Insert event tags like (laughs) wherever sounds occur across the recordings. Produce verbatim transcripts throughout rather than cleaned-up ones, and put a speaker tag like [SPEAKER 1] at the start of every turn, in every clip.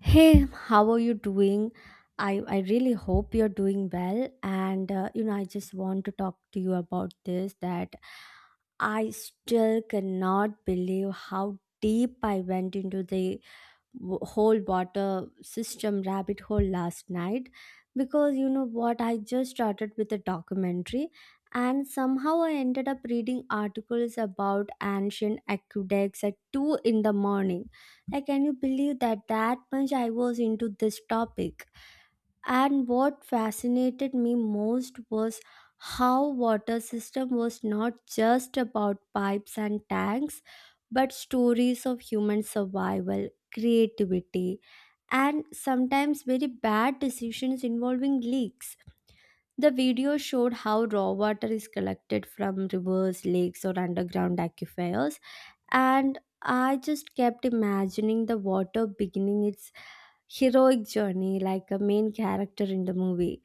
[SPEAKER 1] Hey, how are you doing? I, I really hope you're doing well. And, uh, you know, I just want to talk to you about this that I still cannot believe how deep I went into the w- whole water system rabbit hole last night because you know what I just started with a documentary and somehow I ended up reading articles about ancient aqueducts at two in the morning. Like, can you believe that that much I was into this topic? And what fascinated me most was how water system was not just about pipes and tanks, but stories of human survival, creativity, and sometimes very bad decisions involving leaks. The video showed how raw water is collected from rivers, lakes, or underground aquifers, and I just kept imagining the water beginning its heroic journey like a main character in the movie,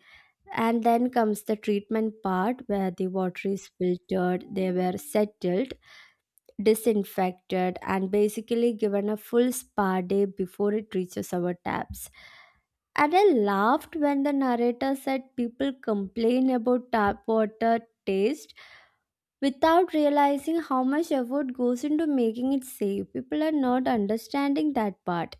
[SPEAKER 1] and then comes the treatment part where the water is filtered, they were settled, disinfected, and basically given a full spa day before it reaches our taps. And I laughed when the narrator said people complain about tap water taste without realizing how much effort goes into making it safe. People are not understanding that part.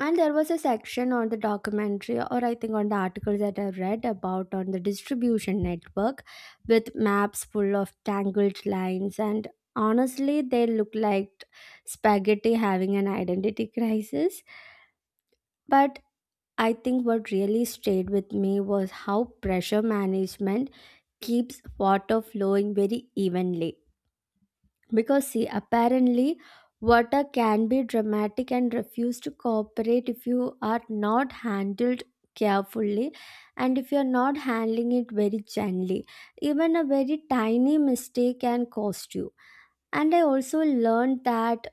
[SPEAKER 1] And there was a section on the documentary, or I think on the articles that I read, about on the distribution network with maps full of tangled lines. And honestly, they look like spaghetti having an identity crisis. But I think what really stayed with me was how pressure management keeps water flowing very evenly. Because, see, apparently, water can be dramatic and refuse to cooperate if you are not handled carefully and if you're not handling it very gently. Even a very tiny mistake can cost you. And I also learned that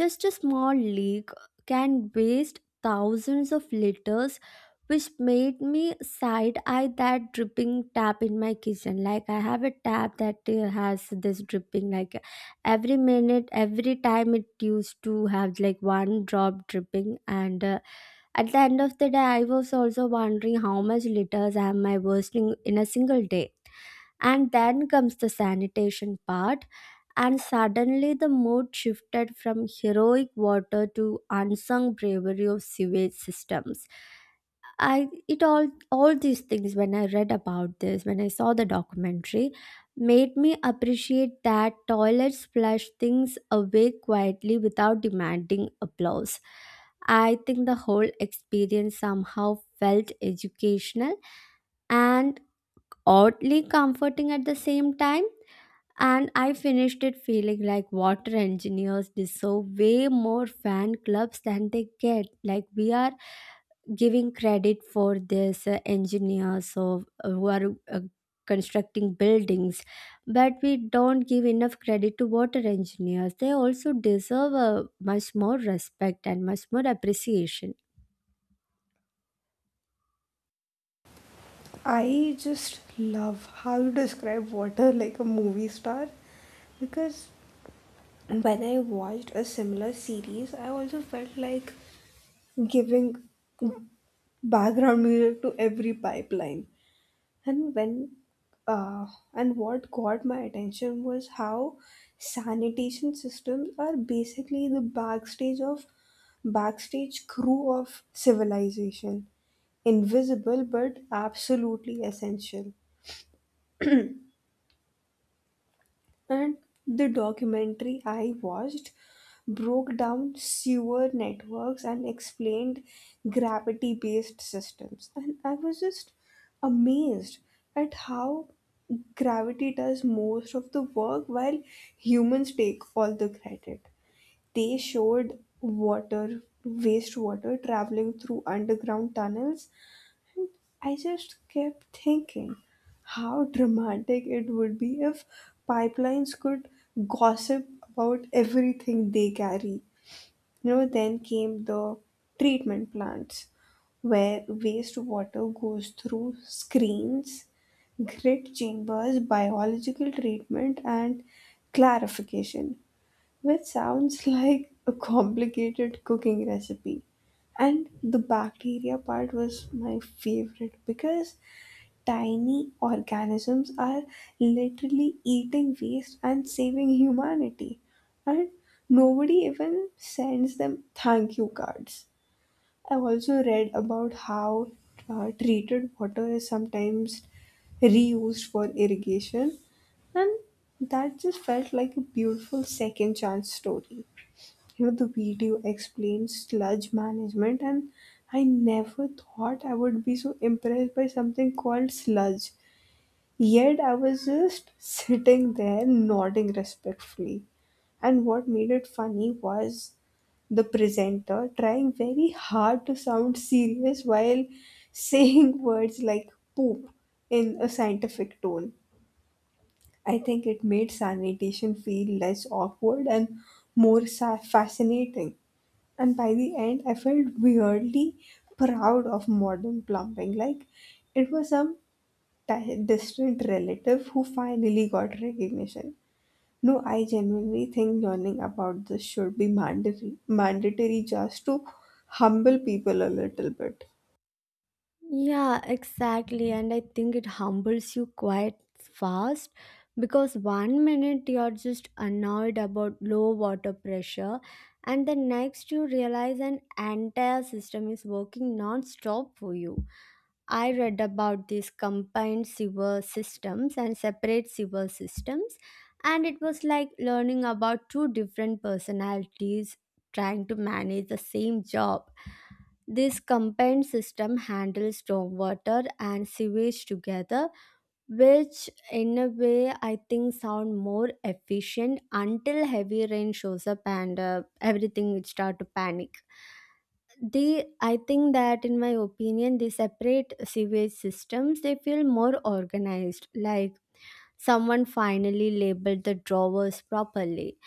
[SPEAKER 1] just a small leak can waste thousands of liters, which made me side eye that dripping tap in my kitchen. Like, I have a tap that uh, has this dripping, like, every minute, every time it used to have like one drop dripping. And uh, at the end of the day, I was also wondering how much liters am I wasting in a single day. And then comes the sanitation part and suddenly the mood shifted from heroic water to unsung bravery of sewage systems. I it all all these things when I read about this, when I saw the documentary, made me appreciate that toilets flush things away quietly without demanding applause. I think the whole experience somehow felt educational and oddly comforting at the same time, and I finished it feeling like water engineers deserve way more fan clubs than they get. Like, we are giving credit for this uh, engineers of uh, who are uh, constructing buildings, but we don't give enough credit to water engineers. They also deserve uh, much more respect and much more appreciation.
[SPEAKER 2] I just love how you describe water like a movie star, because when I watched a similar series, I also felt like giving background music to every pipeline. And when uh, and what got my attention was how sanitation systems are basically the backstage of backstage crew of civilization, invisible but absolutely essential. And the documentary I watched broke down sewer networks and explained gravity based systems. And I was just amazed at how gravity does most of the work while humans take all the credit. They showed water, wastewater traveling through underground tunnels. I just kept thinking how dramatic it would be if pipelines could gossip about everything they carry. You know, then came the treatment plants where wastewater goes through screens, grid chambers, biological treatment, and clarification, which sounds (laughs) like a complicated cooking recipe. And the bacteria part was my favorite because tiny organisms are literally eating waste and saving humanity, and nobody even sends them thank you cards. I also read about how uh, treated water is sometimes reused for irrigation, and that just felt like a beautiful second chance story. You know, the video explains sludge management, and I never thought I would be so impressed by something called sludge. Yet I was just sitting there nodding respectfully. And what made it funny was the presenter trying very hard to sound serious while saying (laughs) words like poop in a scientific tone. I think it made sanitation feel less awkward and more sa- fascinating. And by the end, I felt weirdly proud of modern plumbing, like it was some di- distant relative who finally got recognition. No, I genuinely think learning about this should be mandatory, mandatory, just to humble people a little bit.
[SPEAKER 1] Yeah, exactly. And I think it humbles you quite fast because one minute you're just annoyed about low water pressure, and the next you realize an entire system is working non stop for you. I read about these combined sewer systems and separate sewer systems, and it was like learning about two different personalities trying to manage the same job. This combined system handles stormwater and sewage together, which in a way I think sound more efficient until heavy rain shows up and uh, everything would start to panic. They i think that in my opinion they separate sewage systems, they feel more organized, like someone finally labeled the drawers properly.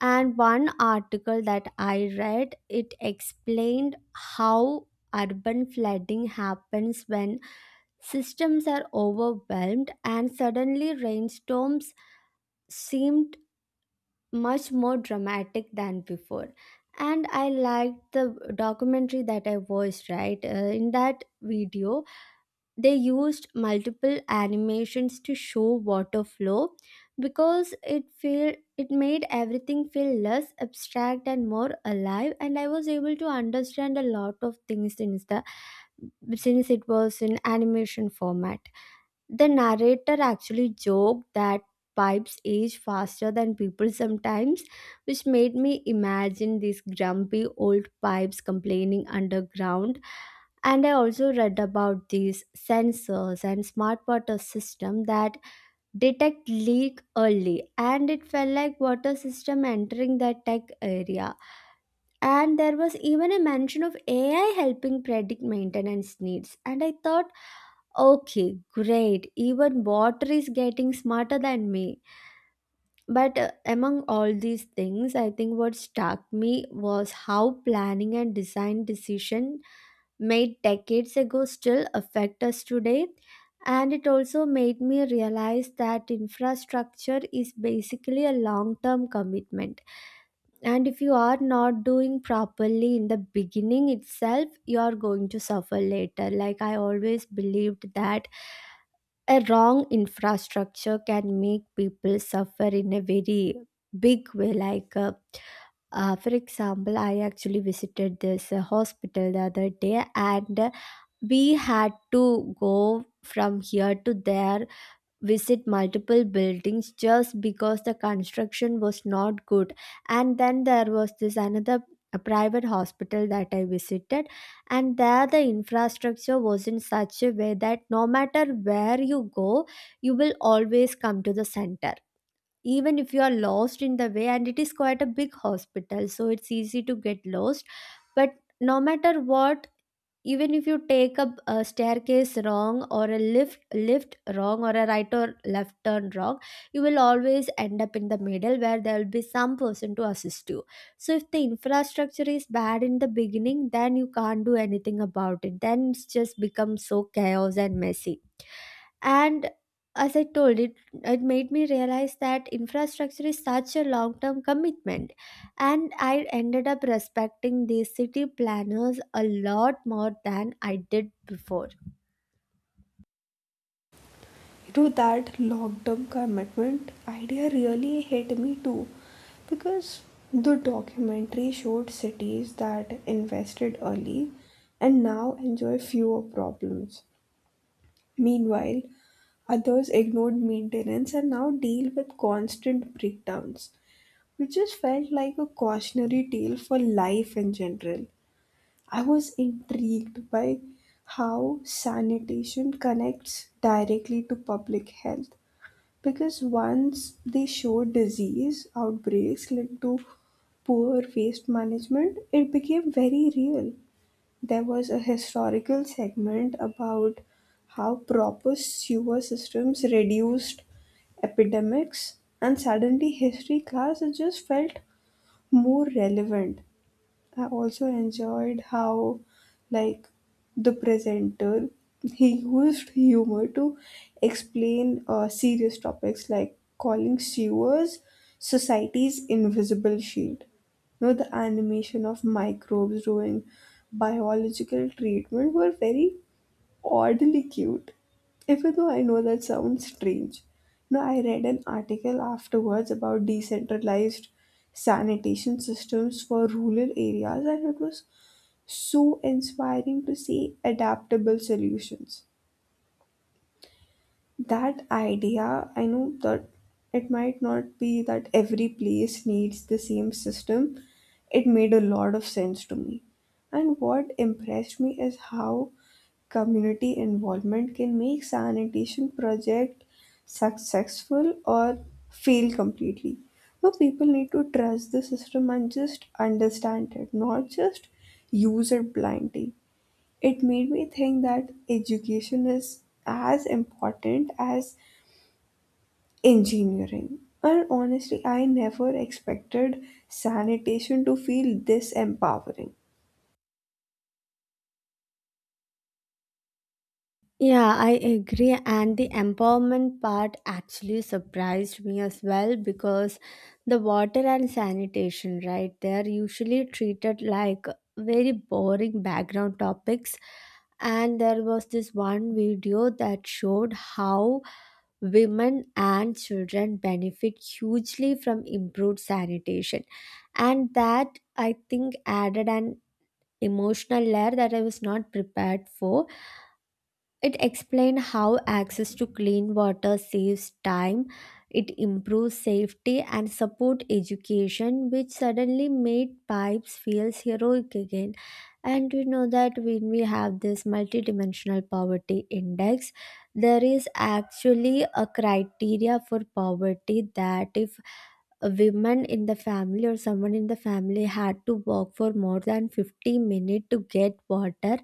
[SPEAKER 1] And one article that I read, it explained how urban flooding happens when systems are overwhelmed and suddenly rainstorms seem much more dramatic than before. And I liked the documentary that I watched. Right. Uh, in that video they used multiple animations to show water flow because it feel it made everything feel less abstract and more alive, and I was able to understand a lot of things since the since it was in animation format. The narrator actually joked that pipes age faster than people sometimes, which made me imagine these grumpy old pipes complaining underground. And I also read about these sensors and smart water system that detect leak early, and it felt like water system entering the tech area, and there was even a mention of A I helping predict maintenance needs. And I thought, okay, great, even water is getting smarter than me. But uh, among all these things, I think what struck me was how planning and design decision made decades ago still affect us today. And it also made me realize that infrastructure is basically a long term commitment, and if you are not doing properly in the beginning itself you are going to suffer later. Like, I always believed that a wrong infrastructure can make people suffer in a very big way. Like, uh, uh, for example, I actually visited this uh, hospital the other day, and uh, we had to go from here to there, visit multiple buildings just because the construction was not good. And then there was this another, a private hospital that I visited, and there the infrastructure was in such a way that no matter where you go, you will always come to the center, even if you are lost in the way, and it is quite a big hospital so it's easy to get lost. But no matter what, even if you take up a staircase wrong or a lift lift wrong or a right or left turn wrong, you will always end up in the middle where there will be some person to assist you. So if the infrastructure is bad in the beginning then you can't do anything about it, then it's just becomes so chaos and messy. And as I told it, it made me realize that infrastructure is such a long term commitment, and I ended up respecting these city planners a lot more than I did before.
[SPEAKER 2] You, that long term commitment idea really hit me too, because the documentary showed cities that invested early and now enjoy fewer problems. Meanwhile, others ignored maintenance and now deal with constant breakdowns, which just felt like a cautionary tale for life in general. I was intrigued by how sanitation connects directly to public health, because once they showed disease outbreaks linked to poor waste management, it became very real. There was a historical segment about how proper sewer systems reduced epidemics, and suddenly history class it just felt more relevant. I also enjoyed how, like, the presenter he used humor to explain uh, serious topics like calling sewers society's invisible shield. You know, the animation of microbes doing biological treatment were very oddly cute, even though I know that sounds strange. No, I read an article afterwards about decentralized sanitation systems for rural areas, and it was so inspiring to see adaptable solutions. That idea, I know that it might not be that every place needs the same system, it made a lot of sense to me. And what impressed me is how community involvement can make sanitation project successful or fail completely. So people need to trust the system and just understand it, not just use it blindly. It made me think that education is as important as engineering. And honestly, I never expected sanitation to feel this empowering.
[SPEAKER 1] Yeah, I agree. And the empowerment part actually surprised me as well because the water and sanitation, right, they're usually treated like very boring background topics. And there was this one video that showed how women and children benefit hugely from improved sanitation. And that I think added an emotional layer that I was not prepared for. It explained how access to clean water saves time, it improves safety and support education, which suddenly made pipes feel heroic again. And we know that when we have this multidimensional poverty index, there is actually a criteria for poverty that if a woman in the family or someone in the family had to walk for more than fifty minutes to get water,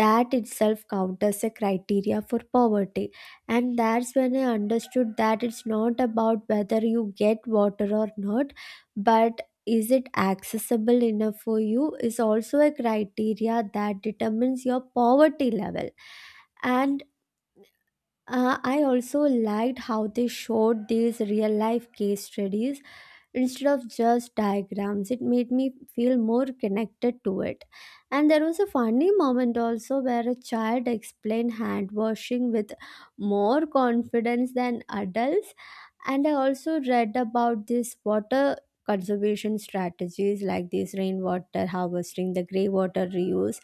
[SPEAKER 1] that itself counters a criteria for poverty. And that's when I understood that it's not about whether you get water or not, but is it accessible enough for you is also a criteria that determines your poverty level. And uh, I also liked how they showed these real life case studies instead of just diagrams. It made me feel more connected to it. And there was a funny moment also where a child explained hand washing with more confidence than adults. And I also read about this water conservation strategies like this rainwater harvesting, the grey water reuse,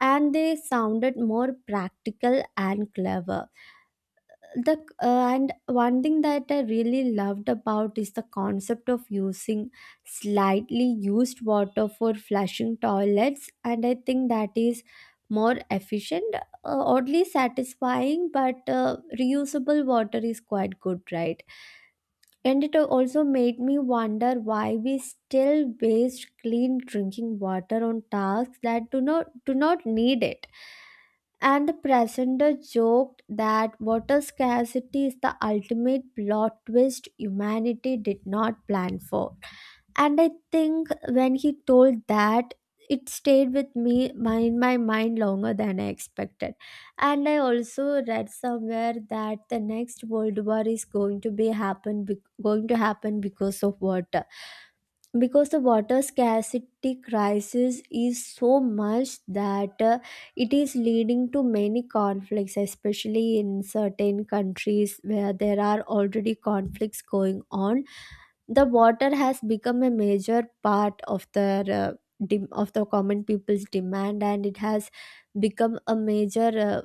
[SPEAKER 1] and they sounded more practical and clever. The uh, And one thing that I really loved about is the concept of using slightly used water for flushing toilets, and I think that is more efficient, uh, oddly satisfying, but uh, reusable water is quite good, right? And it also made me wonder why we still waste clean drinking water on tasks that do not do not need it. And the presenter joked that water scarcity is the ultimate plot twist humanity did not plan for. And I think when he told that, it stayed with me my- in my mind longer than I expected. And I also read somewhere that the next world war is going to be happen be- going to happen because of water. Because the water scarcity crisis is so much that uh, it is leading to many conflicts, especially in certain countries where there are already conflicts going on. The water has become a major part of the uh, dem- of the common people's demand, and it has become a major uh,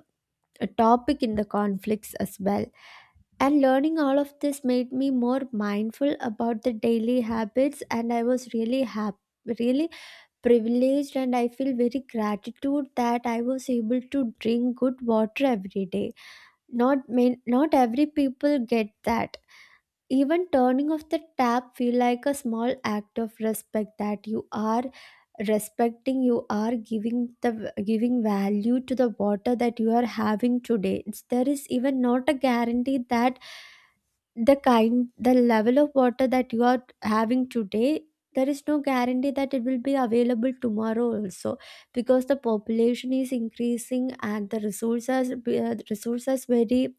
[SPEAKER 1] a topic in the conflicts as well. And learning all of this made me more mindful about the daily habits, and I was really happy, really privileged, and I feel very gratitude that I was able to drink good water every day. Not main, not every people get that even turning off the tap feel like a small act of respect that you are respecting you are giving the giving value to the water that you are having today it's, there is even not a guarantee that the kind the level of water that you are having today, there is no guarantee that it will be available tomorrow also, because the population is increasing and the resources uh, resources very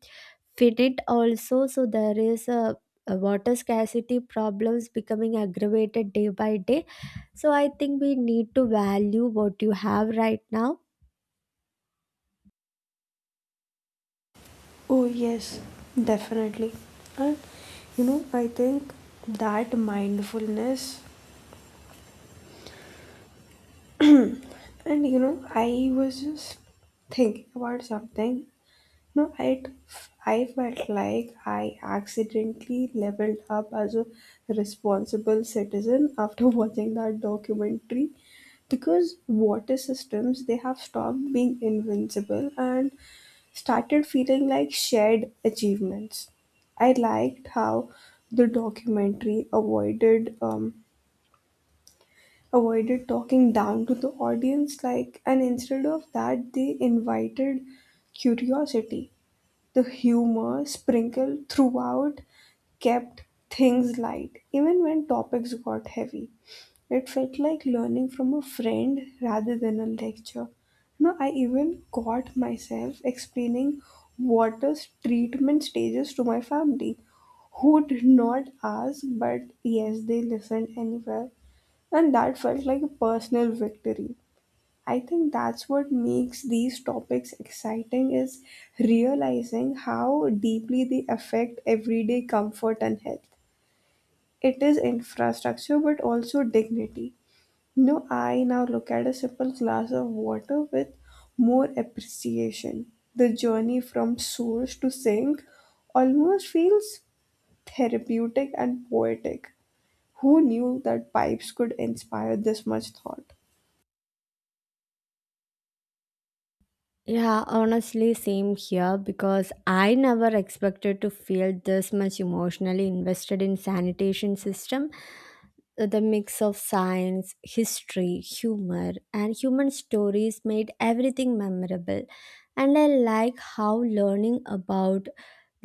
[SPEAKER 1] fit it also. So there is a, a water scarcity problems becoming aggravated day by day. So I think we need to value what you have right now.
[SPEAKER 2] Oh, yes, definitely. And you know, I think that mindfulness, and you know, I was just thinking about something. No, I, I felt like I accidentally leveled up as a responsible citizen after (laughs) watching that documentary, because water systems they have stopped being invincible and started feeling like shared achievements. I liked how the documentary avoided um, avoided talking down to the audience, like, and instead of that they invited curiosity. The humor sprinkled throughout kept things light, even when topics got heavy. It felt like learning from a friend rather than a lecture. No, I even caught myself explaining water's treatment stages to my family, who did not ask, but yes, they listened anyway. And that felt like a personal victory. I think that's what makes these topics exciting is realizing how deeply they affect everyday comfort and health. It is infrastructure but also dignity. You know, I now look at a simple glass of water with more appreciation. The journey from source to sink almost feels therapeutic and poetic. Who knew that pipes could inspire this much thought?
[SPEAKER 1] Yeah, honestly same here, because I never expected to feel this much emotionally invested in sanitation system. The mix of science, history, humor and human stories made everything memorable. And I like how learning about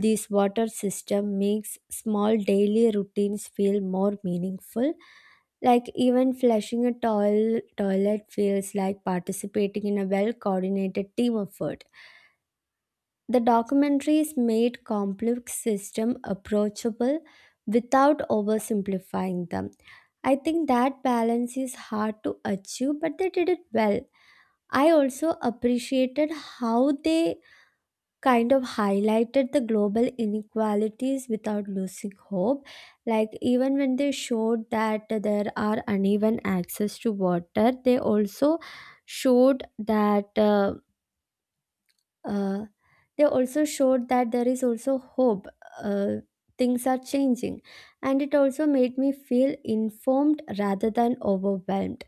[SPEAKER 1] this water system makes small daily routines feel more meaningful. Like, even flushing a toil- toilet feels like participating in a well coordinated team effort. The documentaries made complex systems approachable without oversimplifying them. I think that balance is hard to achieve, but they did it well. I also appreciated how they kind of highlighted the global inequalities without losing hope. Like, even when they showed that there are uneven access to water, they also showed that. Uh, uh, they also showed that there is also hope. Uh, Things are changing. And it also made me feel informed rather than overwhelmed.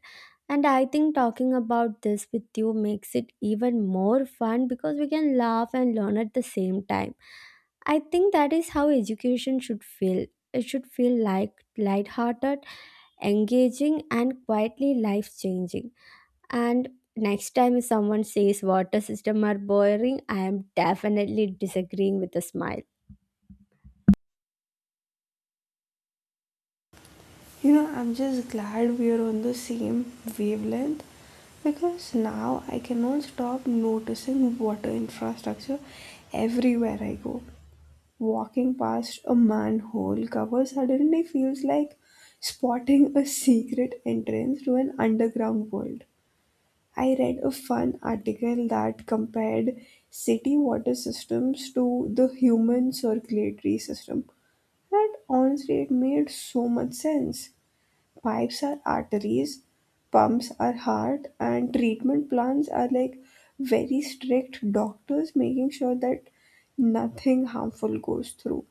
[SPEAKER 1] And I think talking about this with you makes it even more fun because we can laugh and learn at the same time. I think that is how education should feel. It should feel like lighthearted, engaging, and quietly life changing. And next time, if someone says water system are boring, I am definitely disagreeing with a smile.
[SPEAKER 2] You know, I'm just glad we are on the same wavelength, because now I cannot stop noticing water infrastructure everywhere I go. Walking past a manhole cover suddenly feels like spotting a secret entrance to an underground world. I read a fun article that compared city water systems to the human circulatory system. And honestly, it made so much sense. Pipes are arteries, pumps are heart, and treatment plans are like very strict doctors making sure that nothing harmful goes through.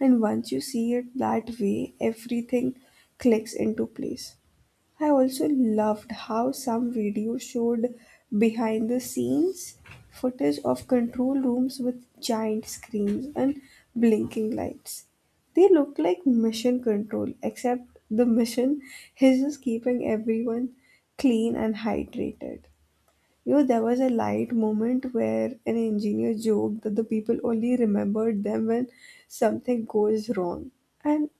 [SPEAKER 2] And once you see it that way, everything clicks into place. I also loved how some videos showed behind the scenes footage of control rooms with giant screens and blinking lights. They look like mission control, except the mission is just keeping everyone clean and hydrated. You know, there was a light moment where an engineer joked that the people only remembered them when something goes wrong. And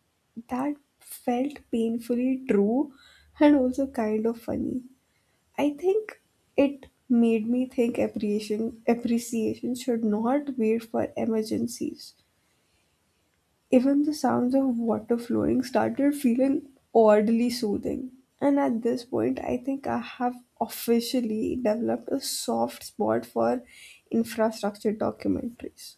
[SPEAKER 2] that felt painfully true, and also kind of funny. I think it made me think appreciation appreciation should not wait for emergencies. Even the sounds of water flowing started feeling oddly soothing. And at this point, I think I have officially developed a soft spot for infrastructure documentaries.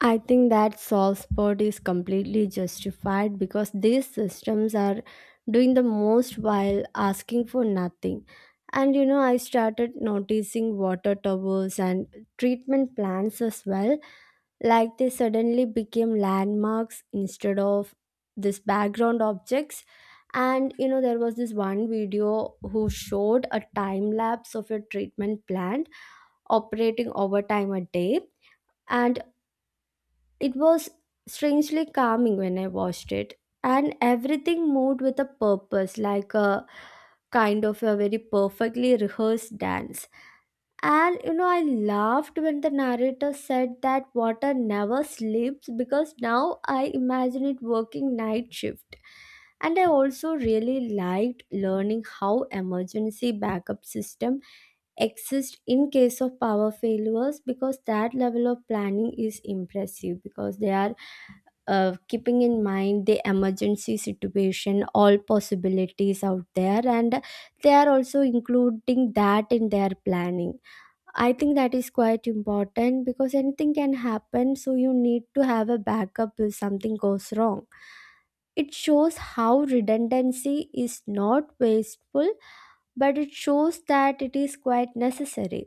[SPEAKER 1] I think that soft spot is completely justified because these systems are doing the most while asking for nothing. And you know, I started noticing water towers and treatment plants as well, like they suddenly became landmarks instead of this background objects. And you know, there was this one video who showed a time lapse of a treatment plant operating over time a day, and it was strangely calming when I watched it, and everything moved with a purpose, like a kind of a very perfectly rehearsed dance. And you know, I laughed when the narrator said that water never sleeps, because now I imagine it working night shift. And I also really liked learning how emergency backup system exist in case of power failures, because that level of planning is impressive, because they are uh, keeping in mind the emergency situation, all possibilities out there, and they are also including that in their planning. I think that is quite important because anything can happen, so you need to have a backup if something goes wrong. It shows how redundancy is not wasteful, but it shows that it is quite necessary.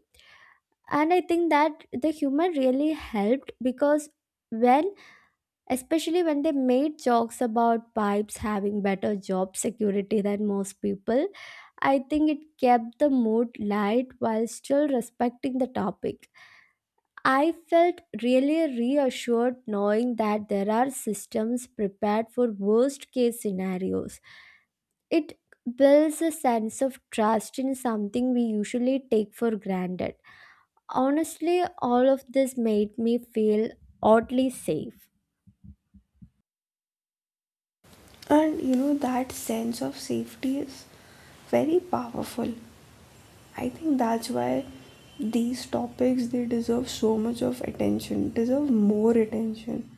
[SPEAKER 1] And I think that the humor really helped, because when, especially when they made jokes about pipes having better job security than most people, I think it kept the mood light while still respecting the topic. I felt really reassured knowing that there are systems prepared for worst case scenarios. It builds a sense of trust in something we usually take for granted. Honestly, all of this made me feel oddly safe.
[SPEAKER 2] And you know, that sense of safety is very powerful. I think that's why these topics they deserve so much of attention, deserve more attention.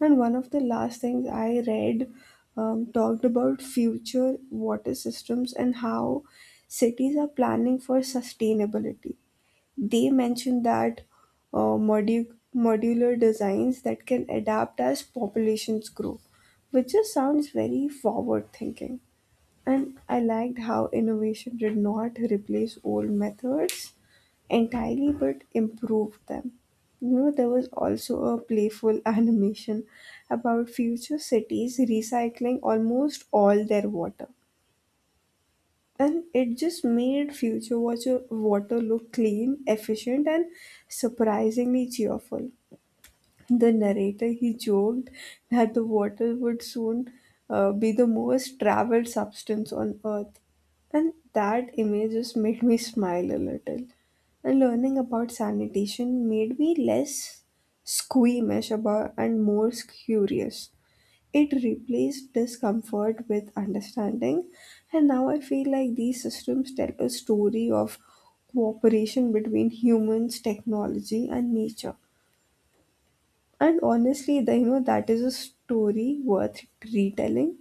[SPEAKER 2] And one of the last things I read um, talked about future water systems and how cities are planning for sustainability. They mentioned that uh, modu- modular designs that can adapt as populations grow, which just sounds very forward thinking. And I liked how innovation did not replace old methods entirely but improved them. You know, there was also a playful (laughs) animation about future cities recycling almost all their water. And it just made future water, water look clean, efficient, and surprisingly cheerful. The narrator he joked that the water would soon uh, be the most traveled substance on earth, and that image just made me smile a little. And learning about sanitation made me less squeamish about and more curious. It replaced discomfort with understanding, and now I feel like these systems tell a story of cooperation between humans, technology and nature. And honestly, the, you know, that is a story worth retelling.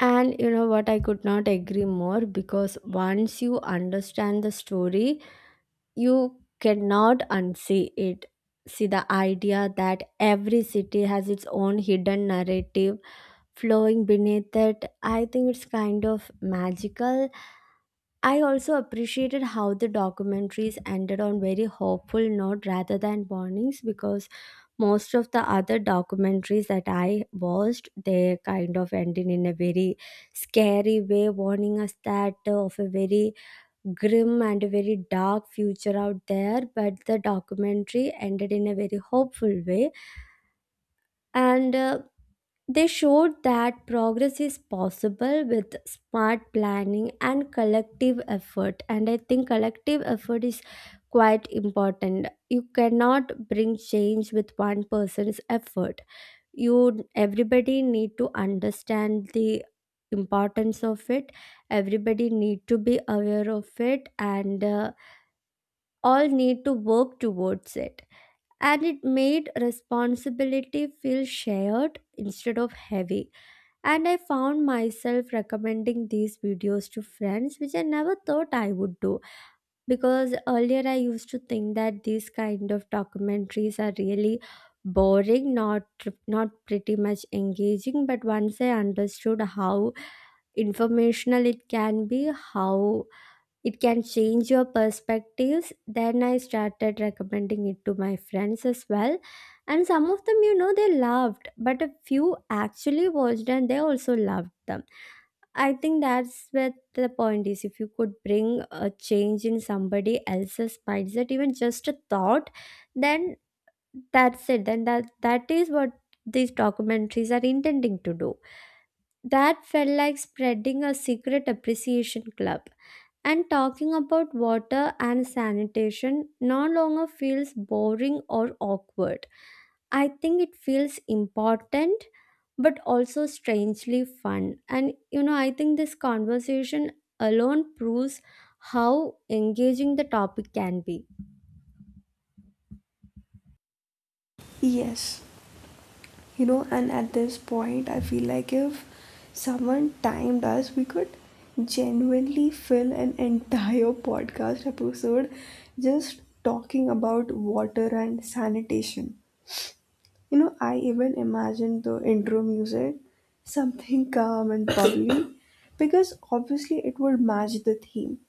[SPEAKER 1] And you know what? I could not agree more, because once you understand the story, you cannot unsee it. See, the idea that every city has its own hidden narrative flowing beneath it, I think it's kind of magical. I also appreciated how the documentaries ended on very hopeful note rather than warnings, because most of the other documentaries that I watched, they kind of ended in a very scary way warning us that uh, of a very grim and a very dark future out there, but the documentary ended in a very hopeful way. And uh, they showed that progress is possible with smart planning and collective effort. And I think collective effort is quite important. You cannot bring change with one person's effort. You everybody need to understand the importance of it. Everybody need to be aware of it, and uh, all need to work towards it. And it made responsibility feel shared instead of heavy, and I found myself recommending these videos to friends, which I never thought I would do. Because earlier I used to think that these kind of documentaries are really boring, not not pretty much engaging. But once I understood how informational it can be, how it can change your perspectives. Then I started recommending it to my friends as well. And some of them, you know, they loved, but a few actually watched and they also loved them. I think that's where the point is. If you could bring a change in somebody else's mindset, even just a thought, then that's it. Then that that is what these documentaries are intending to do. That felt like spreading a secret appreciation club. And talking about water and sanitation no longer feels boring or awkward. I think it feels important but also strangely fun. And you know, I think this conversation alone proves how engaging the topic can be.
[SPEAKER 2] Yes, you know, and at this point, I feel like if someone timed us, we could genuinely fill an entire (laughs) podcast episode just talking about water and sanitation. You know, I even imagined the intro music, something calm and bubbly, (coughs) because obviously it would match the theme.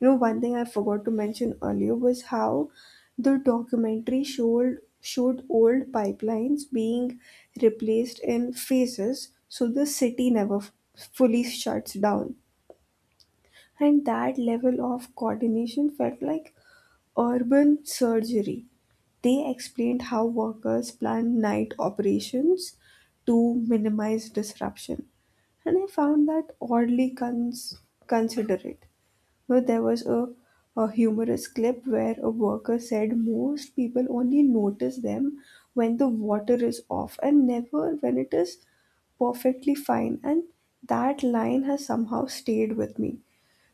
[SPEAKER 2] You know, one thing I forgot to mention earlier was how the documentary showed showed old pipelines being replaced in phases, so the city never f- fully shuts down. And that level of coordination felt like urban surgery. They explained how workers plan night operations to minimize disruption, and I found that oddly cons- considerate. Where there was a, a humorous clip where a worker said most people only notice them when the water is off and never when it is perfectly fine, and that line has somehow stayed with me.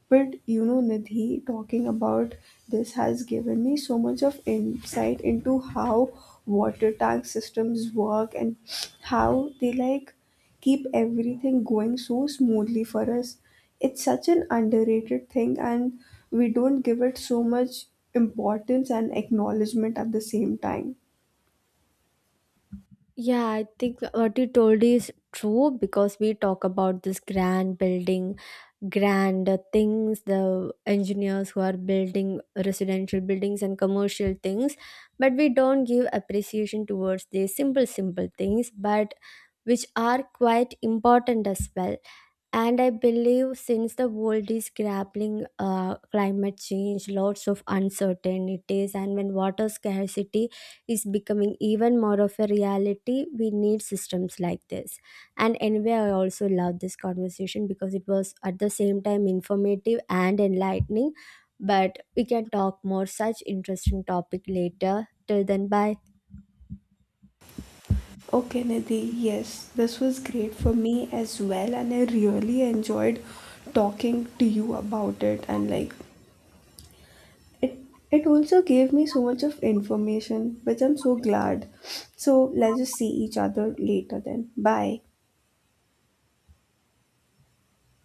[SPEAKER 2] But you know, Nidhi, talking about this has given me so much of insight into how water tank systems work, and how they like keep everything going so smoothly for us. It's such an underrated thing, and we don't give it so much importance and acknowledgement at the same time.
[SPEAKER 1] Yeah, I think what you told is true, because we talk about this grand building, grand uh, things, the engineers who are building residential buildings and commercial things, but we don't give appreciation towards the simple, simple things, but which are quite important as well. And I believe since the world is grappling uh, climate change, lots of uncertainties, and when water scarcity is becoming even more of a reality, we need systems like this. And anyway, I also love this conversation because it was at the same time informative and enlightening. But we can talk more such interesting topic later. Till then, bye.
[SPEAKER 2] Okay, Nidhi, yes, this was great for me as well, and I really enjoyed talking to you about it, and like it it also gave me so much of information, which I'm so glad. So let's just see each other later then. Bye.